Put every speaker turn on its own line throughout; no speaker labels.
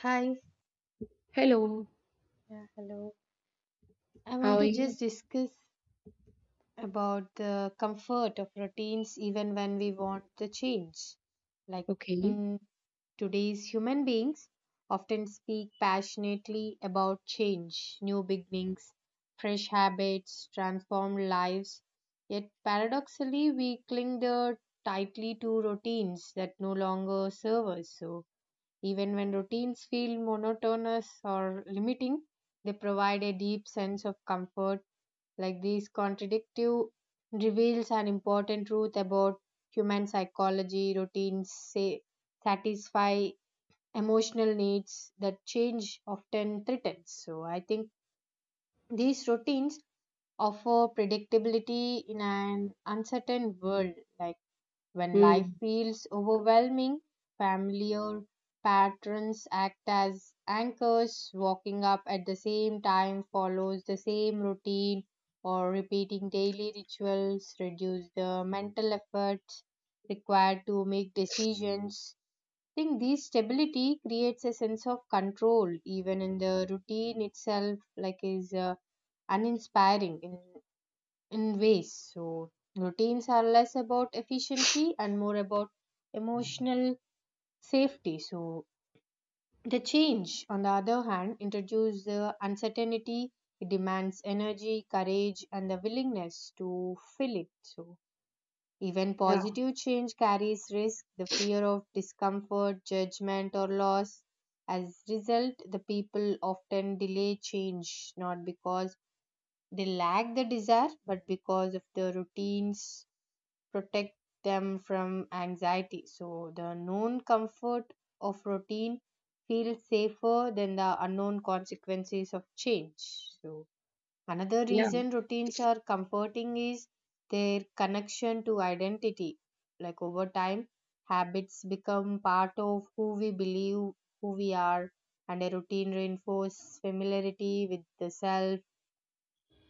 Hi.
Hello,
Yeah, hello. I
how
want
are
to
you?
just discuss about the comfort of routines even when we want the change. Like
Okay.
in today's human beings often speak passionately about change, new beginnings, fresh habits, transformed lives. Yet paradoxically we cling the tightly to routines that no longer serve us. So even when routines feel monotonous or limiting, they provide a deep sense of comfort. Like these contradictive reveals an important truth about human psychology. Routines say, satisfy emotional needs that change often threatens. So I think these routines offer predictability in an uncertain world. Like when life
Mm,
feels overwhelming, familiar patterns act as anchors. Walking up at the same time follows the same routine, or repeating daily rituals reduce the mental efforts required to make decisions. I think this stability creates a sense of control, even in the routine itself, like is uninspiring. In ways. So routines are less about efficiency and more about emotional safety. So the change, on the other hand, introduces the uncertainty. It demands energy, courage, and the willingness to feel it. So even
yeah,
positive change carries risk, the fear of discomfort, judgment, or loss. As result, the people often delay change not because they lack the desire, but because of the routines protect them from anxiety. So the known comfort of routine feels safer than the unknown consequences of change. So another
yeah,
reason routines are comforting is their connection to identity. Like over time, habits become part of who we believe who we are, and a routine reinforces familiarity with the self,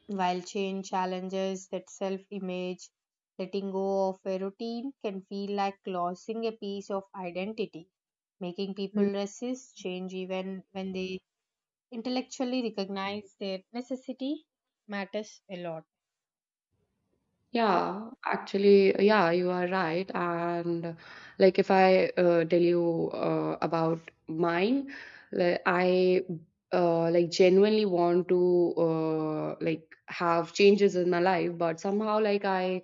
while change challenges that self image, letting go of a routine can feel like losing a piece of identity, making people
mm.
resist change even when they intellectually recognize their necessity matters a lot, right?
Yeah. Actually, yeah, you are right. And like, if I tell you about mine, like, I like genuinely want to like have changes in my life, but somehow like I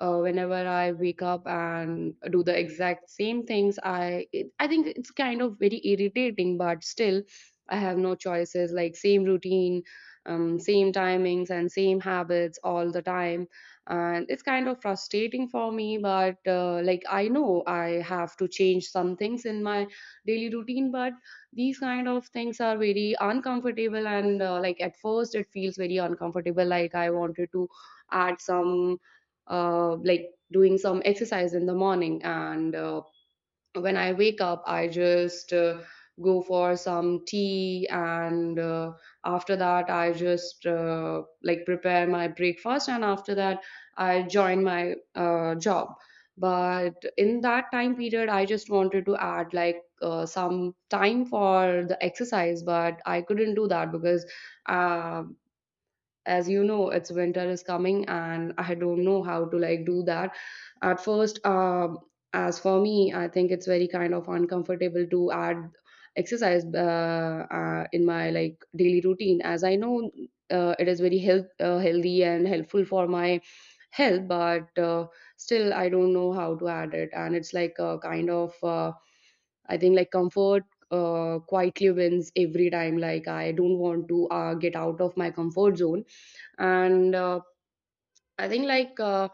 whenever I wake up and do the exact same things, I think it's kind of very irritating, but still, I have no choices. Like same routine, same timings, and same habits all the time, and it's kind of frustrating for me. But like I know I have to change some things in my daily routine, but these kind of things are very uncomfortable and like at first it feels very uncomfortable like I wanted to add some like doing some exercise in the morning. And when I wake up, I just go for some tea. And after that, I just like prepare my breakfast. And after that, I join my job. But in that time period, I just wanted to add like some time for the exercise, but I couldn't do that because uh, as you know it's winter is coming and I don't know how to like do that at first. As for me I think it's very kind of uncomfortable to add exercise in my like daily routine as I know it is very healthy and helpful for my health, but still I don't know how to add it, and it's like a kind of I think like comfort quietly wins every time, like I don't want to get out of my comfort zone. And I think like uh,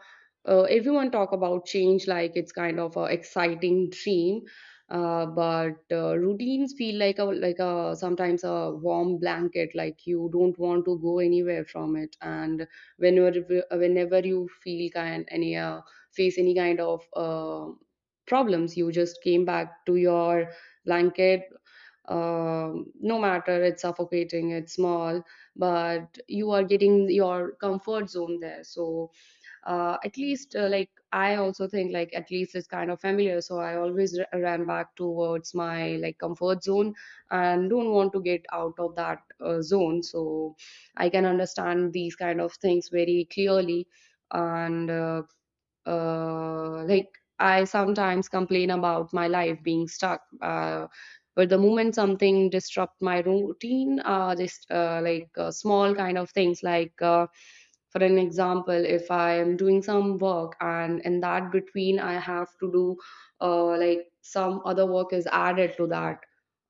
uh, everyone talk about change like it's kind of a exciting dream, but routines feel like a sometimes a warm blanket, like you don't want to go anywhere from it. And whenever you feel kind any face any kind of problems you just came back to your blanket, no matter it's suffocating, it's small, but you are getting your comfort zone there. So at least like I also think, like at least it's kind of familiar, so I always ran back towards my like comfort zone and don't want to get out of that zone. So I can understand these kind of things very clearly. And like I sometimes complain about my life being stuck, but the moment something disrupt my routine, just like small kind of things like for an example, if I am doing some work and in that between I have to do like some other work is added to that,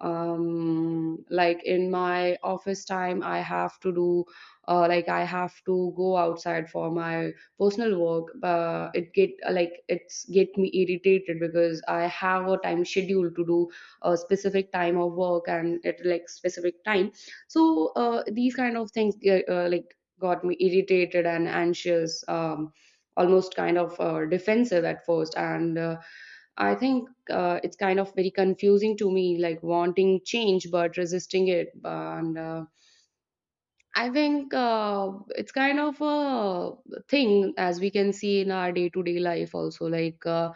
like in my office time I have to do like I have to go outside for my personal work, it get like it's get me irritated, because I have a time schedule to do a specific time of work and at like specific time. So these kind of things get, like got me irritated and anxious, almost kind of defensive at first. And I think it's kind of very confusing to me, like wanting change but resisting it. And I think it's kind of a thing as we can see in our day to day life also. Like,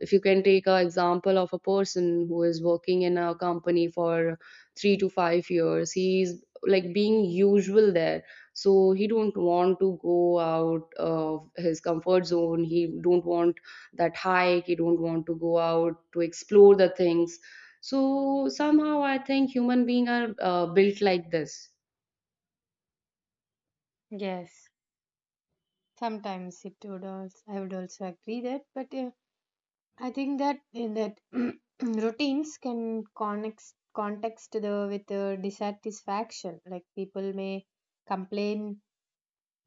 if you can take an example of a person who is working in a company for 3 to 5 years, he's like being usual there. So he don't want to go out of his comfort zone. He don't want that hike. He don't want to go out to explore the things. So somehow I think human beings are built like this.
Yes. Sometimes it would also, I would also agree that, but I think that in that routines can context the with the dissatisfaction. Like people may complain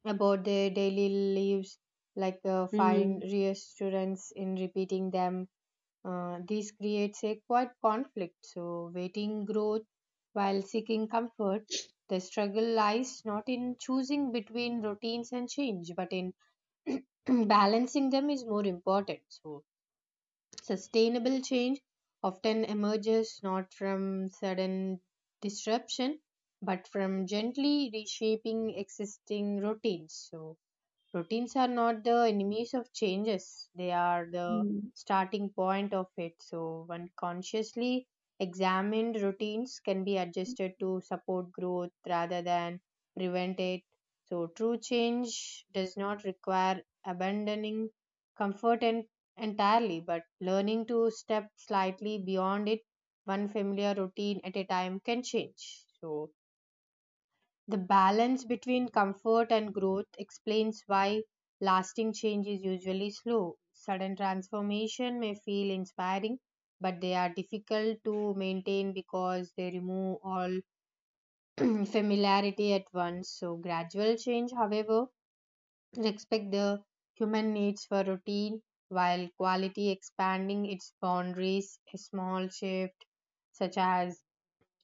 about their daily lives, like find
Hmm.
reassurance in repeating them. This creates a quite conflict. So, waiting growth while seeking comfort. The struggle lies not in choosing between routines and change, but in balancing them is more important. So, sustainable change often emerges not from sudden disruption but from gently reshaping existing routines. So, routines are not the enemies of changes, they are the
Mm.
starting point of it. So, when consciously examined, routines can be adjusted to support growth rather than prevent it. So, true change does not require abandoning comfort en- entirely, but learning to step slightly beyond it, one familiar routine at a time, can change. So, the balance between comfort and growth explains why lasting change is usually slow. Sudden transformation may feel inspiring, but they are difficult to maintain because they remove all familiarity at once. So, gradual change, however, respect the human needs for routine while quality expanding its boundaries. A small shift, such as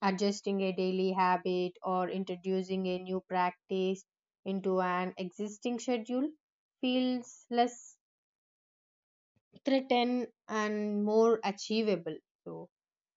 adjusting a daily habit or introducing a new practice into an existing schedule feels less threatened and more achievable. So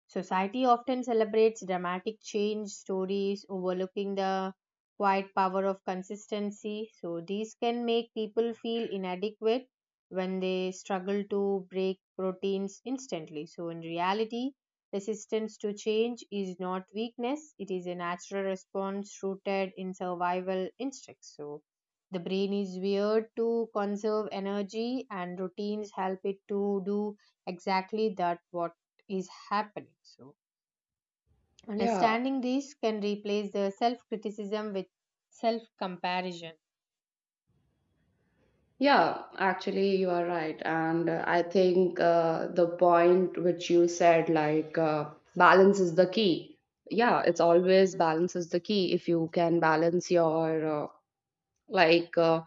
society often celebrates dramatic change stories, overlooking the quiet power of consistency. So, these can make people feel inadequate when they struggle to break routines instantly. So, in reality, resistance to change is not weakness, it is a natural response rooted in survival instincts. So, the brain is wired to conserve energy, and routines help it to do exactly that what is happening. So,
Yeah,
understanding this can replace the self criticism with self comparison.
yeah, actually, you are right. And I think the point which you said, like, balance is the key. Yeah, it's always balance is the key. If you can balance your, like, uh,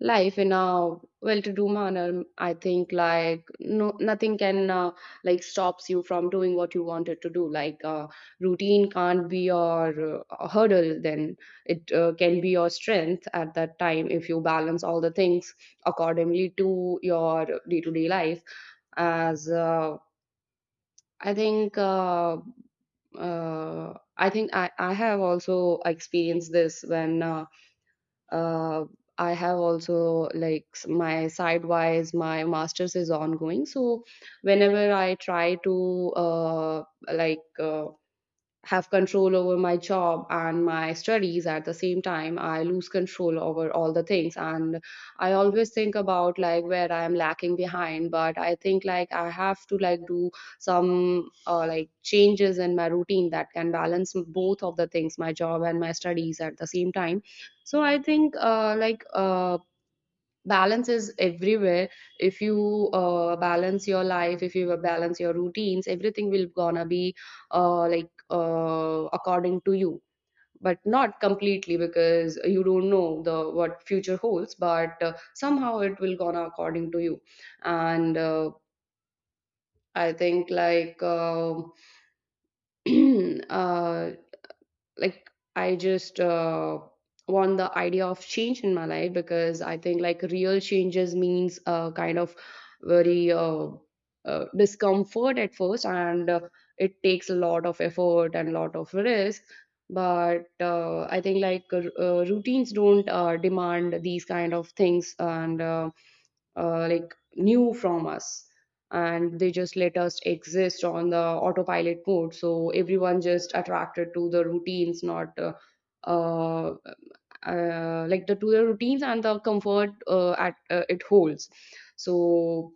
life in a well-to-do manner, I think like no nothing can like stops you from doing what you wanted to do, like routine can't be your hurdle, then it can be your strength at that time, if you balance all the things accordingly to your day-to-day life, as I think uh, I have also experienced this when uh, I have also like my sidewise my masters is ongoing. So whenever I try to like uh, have control over my job and my studies at the same time, I lose control over all the things, and I always think about like where I am lacking behind, but I think like I have to like do some like changes in my routine that can balance both of the things, my job and my studies at the same time. So I think balance is everywhere. If you balance your life, if you balance your routines, everything will gonna be according to you, but not completely, because you don't know the what future holds, but somehow it will gonna according to you. And I think like uh, like I just want the idea of change in my life, because I think like real changes means kind of very discomfort at first, and it takes a lot of effort and a lot of risk. But I think like routines don't demand these kind of things, and like knew from us, and they just let us exist on the autopilot mode. So everyone just attracted to the routines, not uh, like the to the routines and the comfort at it holds. So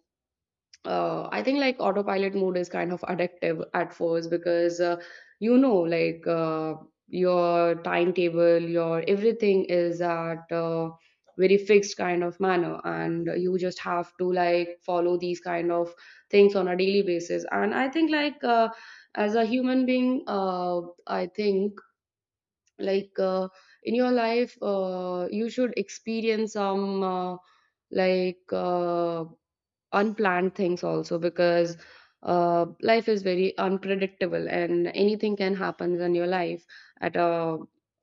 I think like autopilot mode is kind of addictive at first, because you know, like your timetable, your everything is at very fixed kind of manner, and you just have to like follow these kind of things on a daily basis. And I think like as a human being, I think like in your life, you should experience some like, unplanned things also, because life is very unpredictable and anything can happen in your life at a,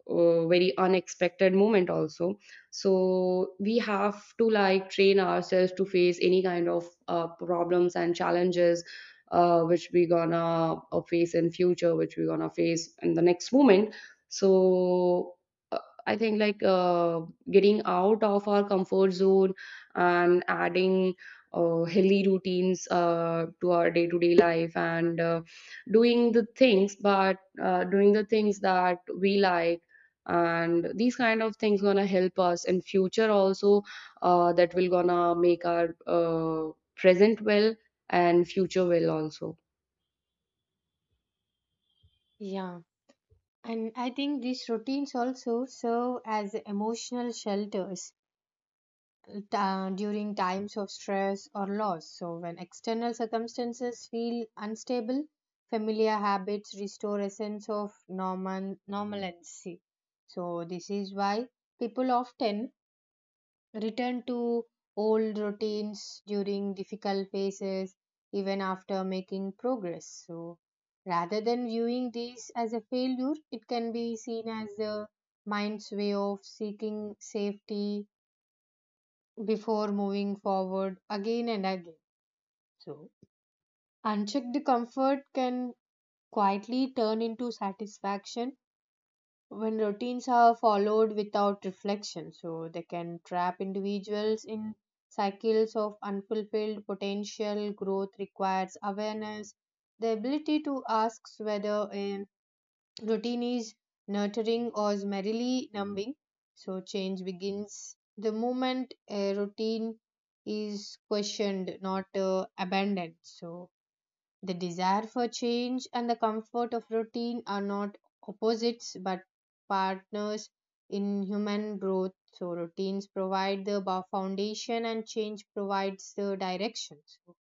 uh very unexpected moment also. So we have to like train ourselves to face any kind of problems and challenges which we gonna face in future, which we gonna face in the next moment. So uh, I think like getting out of our comfort zone and adding healthy routines to our day-to-day life and doing the things, but doing the things that we like, and these kind of things gonna help us in future also, that will gonna make our present well and future well also.
Yeah. And I think these routines also serve as emotional shelters during times of stress or loss. So, when external circumstances feel unstable, familiar habits restore a sense of normal, normalcy. So, this is why people often return to old routines during difficult phases, even after making progress. So, rather than viewing these as a failure, it can be seen as the mind's way of seeking safety before moving forward again and again. So, unchecked comfort can quietly turn into satisfaction when routines are followed without reflection, so they can trap individuals in cycles of unfulfilled potential. Growth requires awareness, the ability to ask whether a routine is nurturing or is merely numbing. So change begins the moment a routine is questioned, not abandoned. So the desire for change and the comfort of routine are not opposites but partners in human growth. So, routines provide the foundation and change provides the direction. So,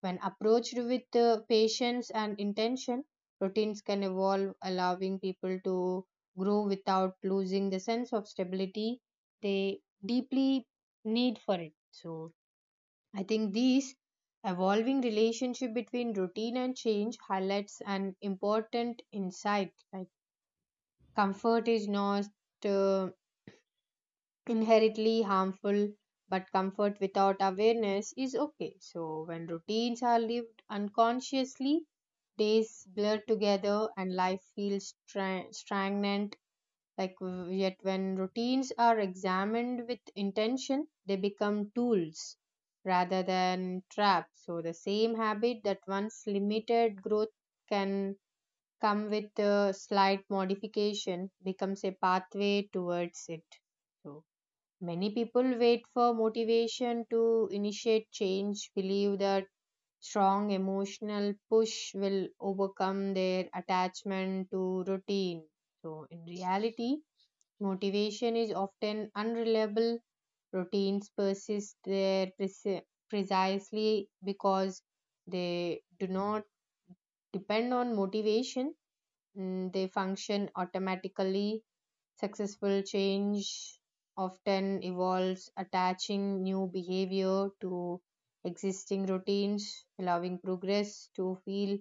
when approached with patience and intention, routines can evolve, allowing people to grow without losing the sense of stability they deeply need for it. So, I think these evolving relationship between routine and change highlights an important insight. Like comfort is not uh, inherently harmful, but comfort without awareness is okay. So when routines are lived unconsciously, days blur together and life feels stagnant like yet when routines are examined with intention they become tools rather than traps. So the same habit that once limited growth can come with a slight modification becomes a pathway towards it. So many people wait for motivation to initiate change, believe that strong emotional push will overcome their attachment to routine. So in reality motivation is often unreliable. Routines persist there precisely because they do not depend on motivation. Mm, they function automatically. Successful change often involves attaching new behavior to existing routines, allowing progress to feel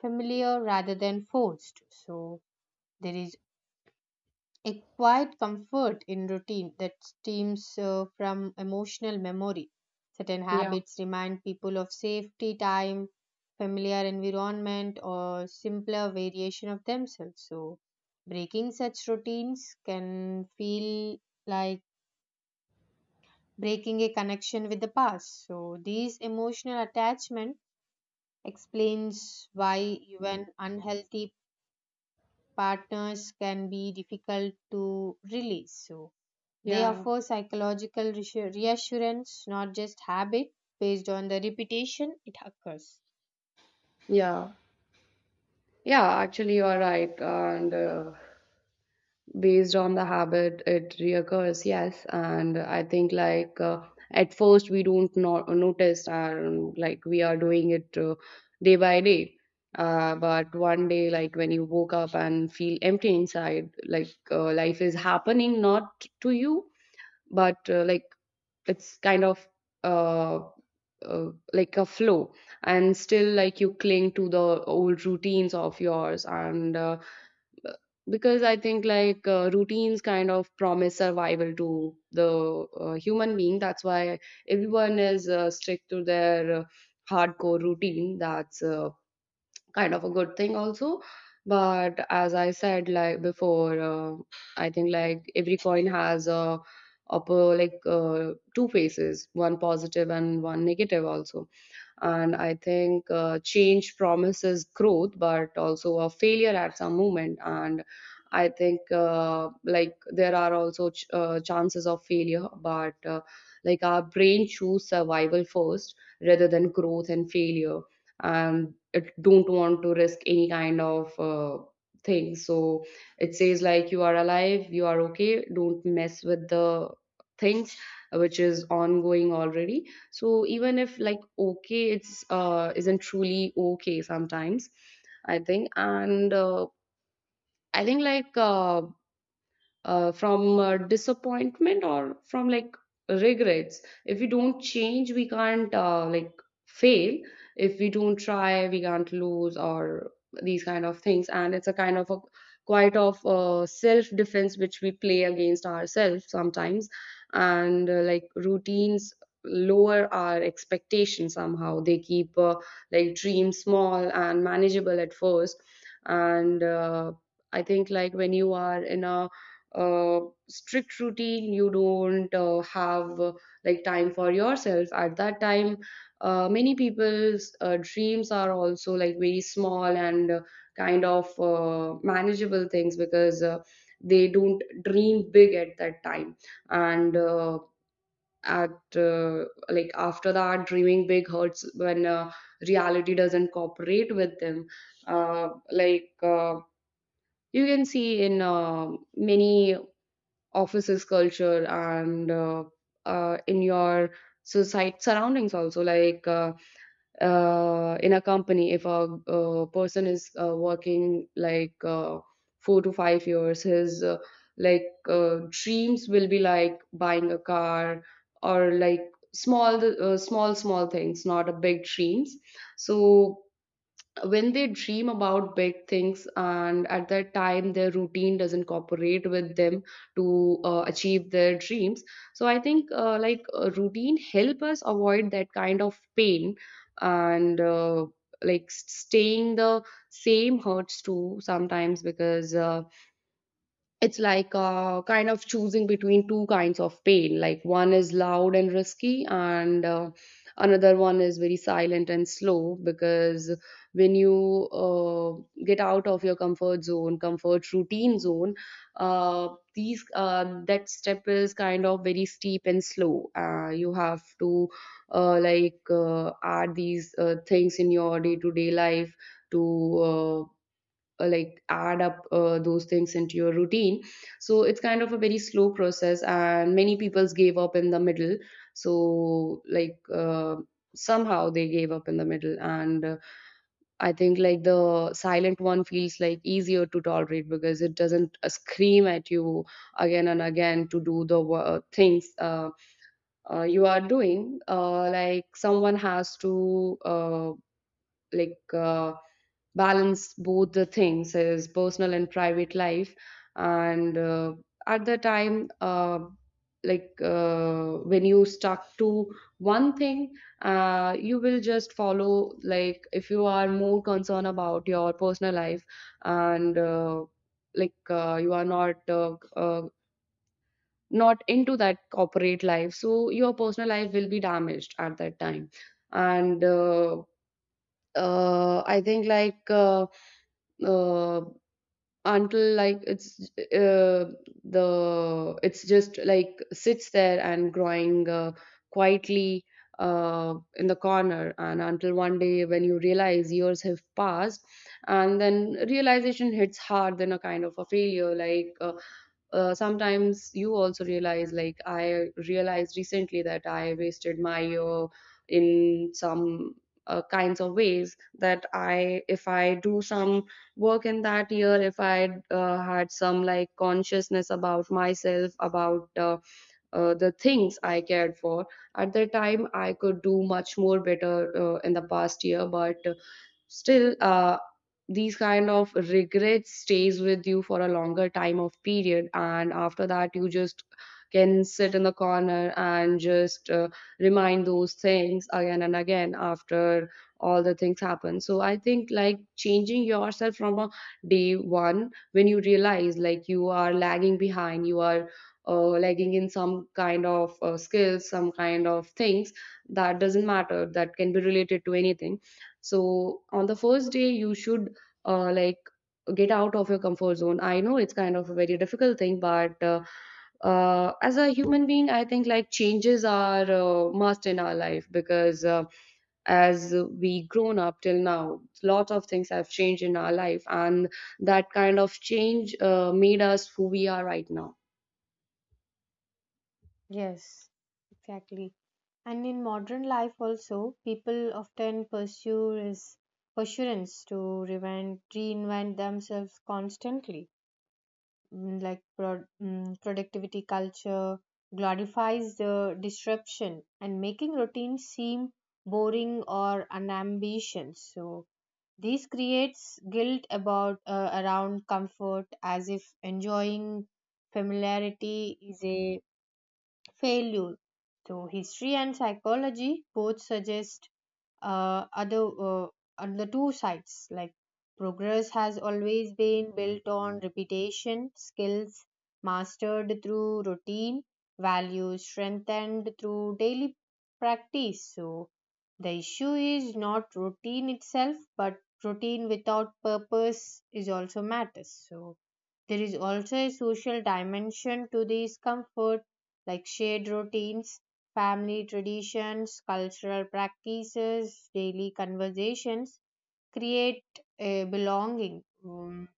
familiar rather than forced. So, there is a quiet comfort in routine that stems from emotional memory. Certain
Yeah.
habits remind people of safety, time, familiar environment, or simpler variation of themselves. So, breaking such routines can feel like breaking a connection with the past. So, these emotional attachment explains why even unhealthy partners can be difficult to release. So, they
Yeah.
offer psychological reassurance, not just habit, based on the repetition it occurs.
Yeah, yeah, actually you are right. And based on the habit it reoccurs, yes. And I think like at first we don't not notice, and like we are doing it day by day, but one day, like when you woke up and feel empty inside, like life is happening not to you, but like it's kind of uh, like a flow, and still like you cling to the old routines of yours. And because I think like routines kind of promise survival to the human being, that's why everyone is strict to their hardcore routine. That's kind of a good thing also. But as I said like before, I think like every coin has a upper, like two faces, one positive and one negative also. And I think change promises growth but also a failure at some moment. And I think like there are also chances of failure, but like our brain choose survival first rather than growth and failure, and it don't want to risk any kind of thing. So it says like you are alive, you are okay, don't mess with the things which is ongoing already. So even if like okay, it's isn't truly okay sometimes, I think. And I think like from disappointment or from like regrets, if we don't change we can't like fail, if we don't try we can't lose, or these kind of things. And it's a kind of a quite of self defense which we play against ourselves sometimes. And like routines lower our expectations somehow, they keep like dreams small and manageable at first. And I think like when you are in a uh, strict routine you don't have like time for yourself at that time, many people's dreams are also like very small and kind of manageable things because they don't dream big at that time. And at Like after that, dreaming big hurts when reality doesn't cooperate with them. uh, like uh, you can see in many offices culture, and in your society surroundings also. In a company, if a, person is working like 4 to 5 years, his dreams will be like buying a car or like small, small, small things, not a big dreams. So when they dream about big things and at that time their routine doesn't cooperate with them to achieve their dreams, so I think routine help us avoid that kind of pain. And Like staying the same hurts too sometimes, because it's like kind of choosing between two kinds of pain. Like one is loud and risky, and another one is very silent and slow. Because when you get out of your comfort zone, comfort routine zone, uh, these that step is kind of very steep and slow. You have to add these things in your day to day life to uh, add up those things into your routine. So it's kind of a very slow process, and many people's gave up in the middle. So somehow they gave up in the middle. And I think like the silent one feels like easier to tolerate because it doesn't scream at you again and again to do the things you are doing. Like someone has to like uh, balance both the things, his personal and private life. And at the time like When you stuck to one thing, you will just follow, like if you are more concerned about your personal life and like you are not not into that corporate life, so your personal life will be damaged at that time. And I think uh, until it's just like sits there and growing quietly in the corner, and until one day when you realize years have passed and then realization hits hard, then a kind of a failure. Sometimes you also realize, like I realized recently that I wasted my year in some kinds of ways that I, if I do some work in that year, if I had some like consciousness about myself, about the things I cared for. At that time, I could do much more better in the past year, but still, these kind of regrets stays with you for a longer time of period, and after that, you just can sit in the corner and just remind those things again and again after all the things happen. So I think like changing yourself from a day one when you realize like you are lagging behind, you are lagging in some kind of skills, some kind of things. That doesn't matter, that can be related to anything. So on the first day, you should uh, like get out of your comfort zone. I know it's kind of a very difficult thing, but as a human being, I think like changes are must in our life, because as we grown up till now, lots of things have changed in our life, and that kind of change made us who we are right now.
Yes, exactly. And in modern life also, people often pursue is assurance to reinvent themselves constantly. Mm, like productivity culture glorifies the disruption and making routines seem boring or unambitious. So this creates guilt about around comfort as if enjoying familiarity is a failure. So history and psychology both suggest other on the two sides, like progress has always been built on repetition, skills mastered through routine, values strengthened through daily practice. So the issue is not routine itself but routine without purpose is also matters. So there is also a social dimension to these comfort, like shared routines, family traditions, cultural practices, daily conversations create a belonging.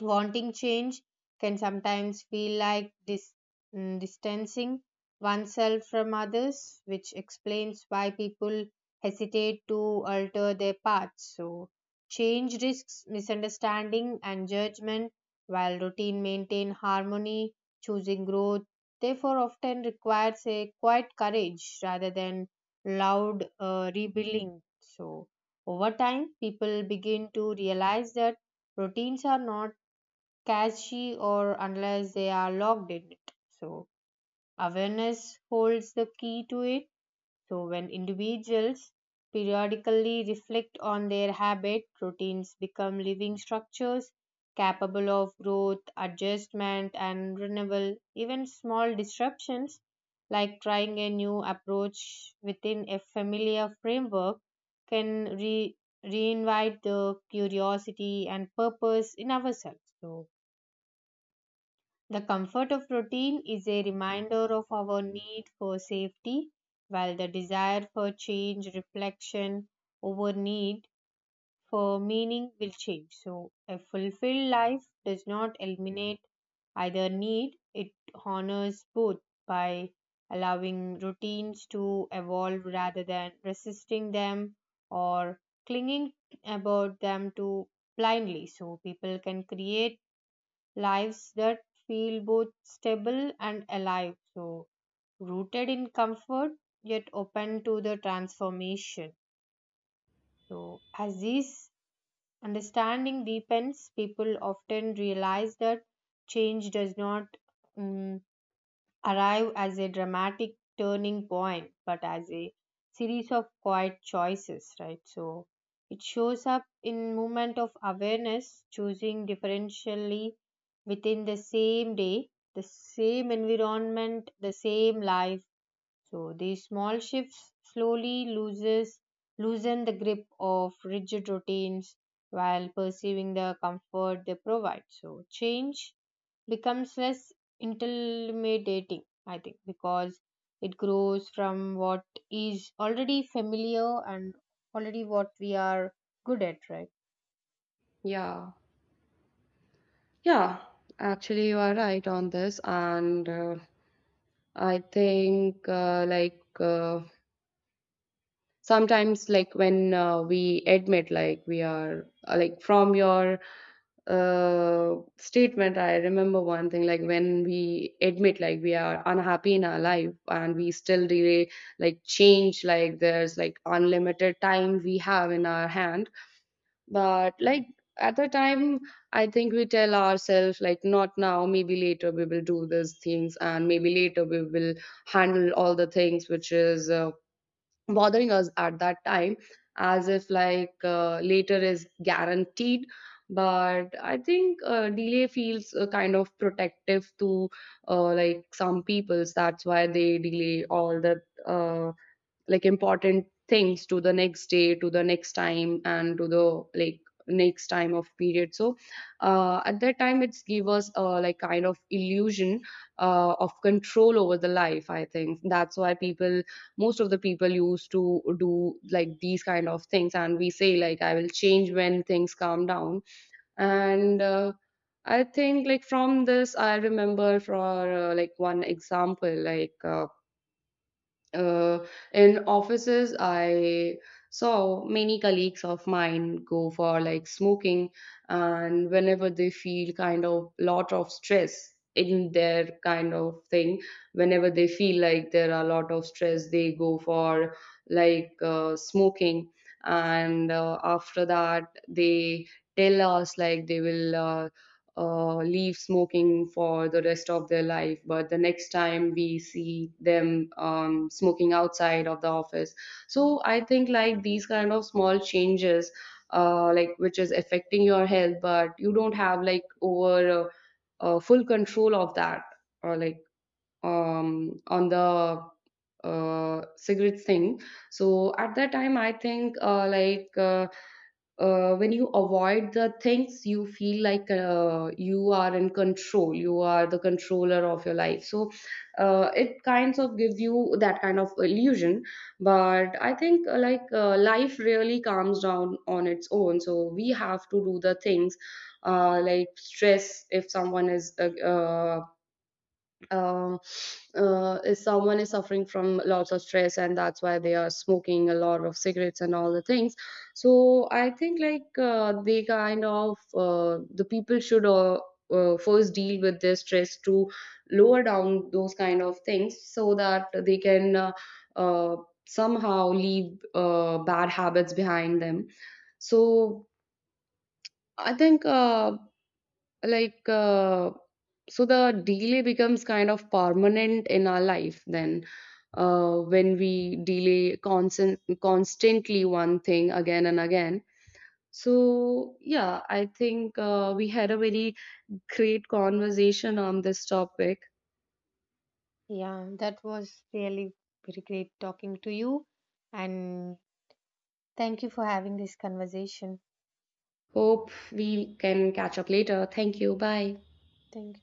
Wanting change can sometimes feel like distancing oneself from others, which explains why people hesitate to alter their paths. So, change risks misunderstanding and judgment, while routine maintain harmony, choosing growth, therefore often requires a quiet courage rather than loud rebuilding. So, over time, people begin to realize that routines are not catchy or unless they are logged in it. So awareness holds the key to it. So when individuals periodically reflect on their habit, routines become living structures capable of growth, adjustment and renewal. Even small disruptions like trying a new approach within a familiar framework can reinvite the curiosity and purpose in ourselves. So the comfort of routine is a reminder of our need for safety, while the desire for change, reflection over need for meaning will change. So, a fulfilled life does not eliminate either need, it honors both by allowing routines to evolve rather than resisting them or clinging about them too blindly, so people can create lives that feel both stable and alive. So, rooted in comfort yet open to the transformation. So, as this understanding deepens, people often realize that change does not mm arrive as a dramatic turning point, but as a series of quiet choices, right? So it shows up in moment of awareness, choosing differentially within the same day, the same environment, the same life. So these small shifts slowly loses loosen the grip of rigid routines while perceiving the comfort they provide. So change becomes less intimidating, I think, because it grows from what is already familiar and already what we are good at, right?
Yeah. Yeah, actually, you are right on this, and I think sometimes, like when we admit, like we are like from your statement, I remember one thing, like when we admit, like we are unhappy in our life, and we still delay, like change, like there's like unlimited time we have in our hand, but like at the time I think we tell ourselves like not now, maybe later we will do these things, and maybe later we will handle all the things which is bothering us at that time, as if like later is guaranteed. But I think delay feels kind of protective to like some peoples, that's why they delay all the uh, like important things to the next day, to the next time, and to the like next time of period. So at that time it's give us a like kind of illusion of control over the life. I think that's why people, most of the people used to do like these kind of things, and we say like I will change when things calm down. And I think like from this I remember for like one example, like uh, in offices I saw many colleagues of mine go for like smoking, and whenever they feel kind of lot of stress in their kind of thing, whenever they feel like there are a lot of stress, they go for like smoking. And After that, they tell us like they will leave smoking for the rest of their life. But the next time we see them smoking outside of the office. So I think like these kind of small changes, like which is affecting your health, but you don't have like over full control of that, or like on the cigarette thing. So at that time, I think when you avoid the things, you feel like you are in control. You are the controller of your life. So it kinds of gives you that kind of illusion. But I think life really calms down on its own. So we have to do the things. Like stress, if someone is uh, someone is suffering from lots of stress, and that's why they are smoking a lot of cigarettes and all the things. So I think they kind of the people should first deal with their stress to lower down those kind of things, so that they can uh, somehow leave bad habits behind them. So I think like uh, so the delay becomes kind of permanent in our life, then when we delay constantly one thing again and again. So yeah, I think we had a very great conversation on this topic.
Yeah, that was really very great talking to you, and thank you for having this conversation.
Hope we can catch up later. Thank you. Bye.
Thank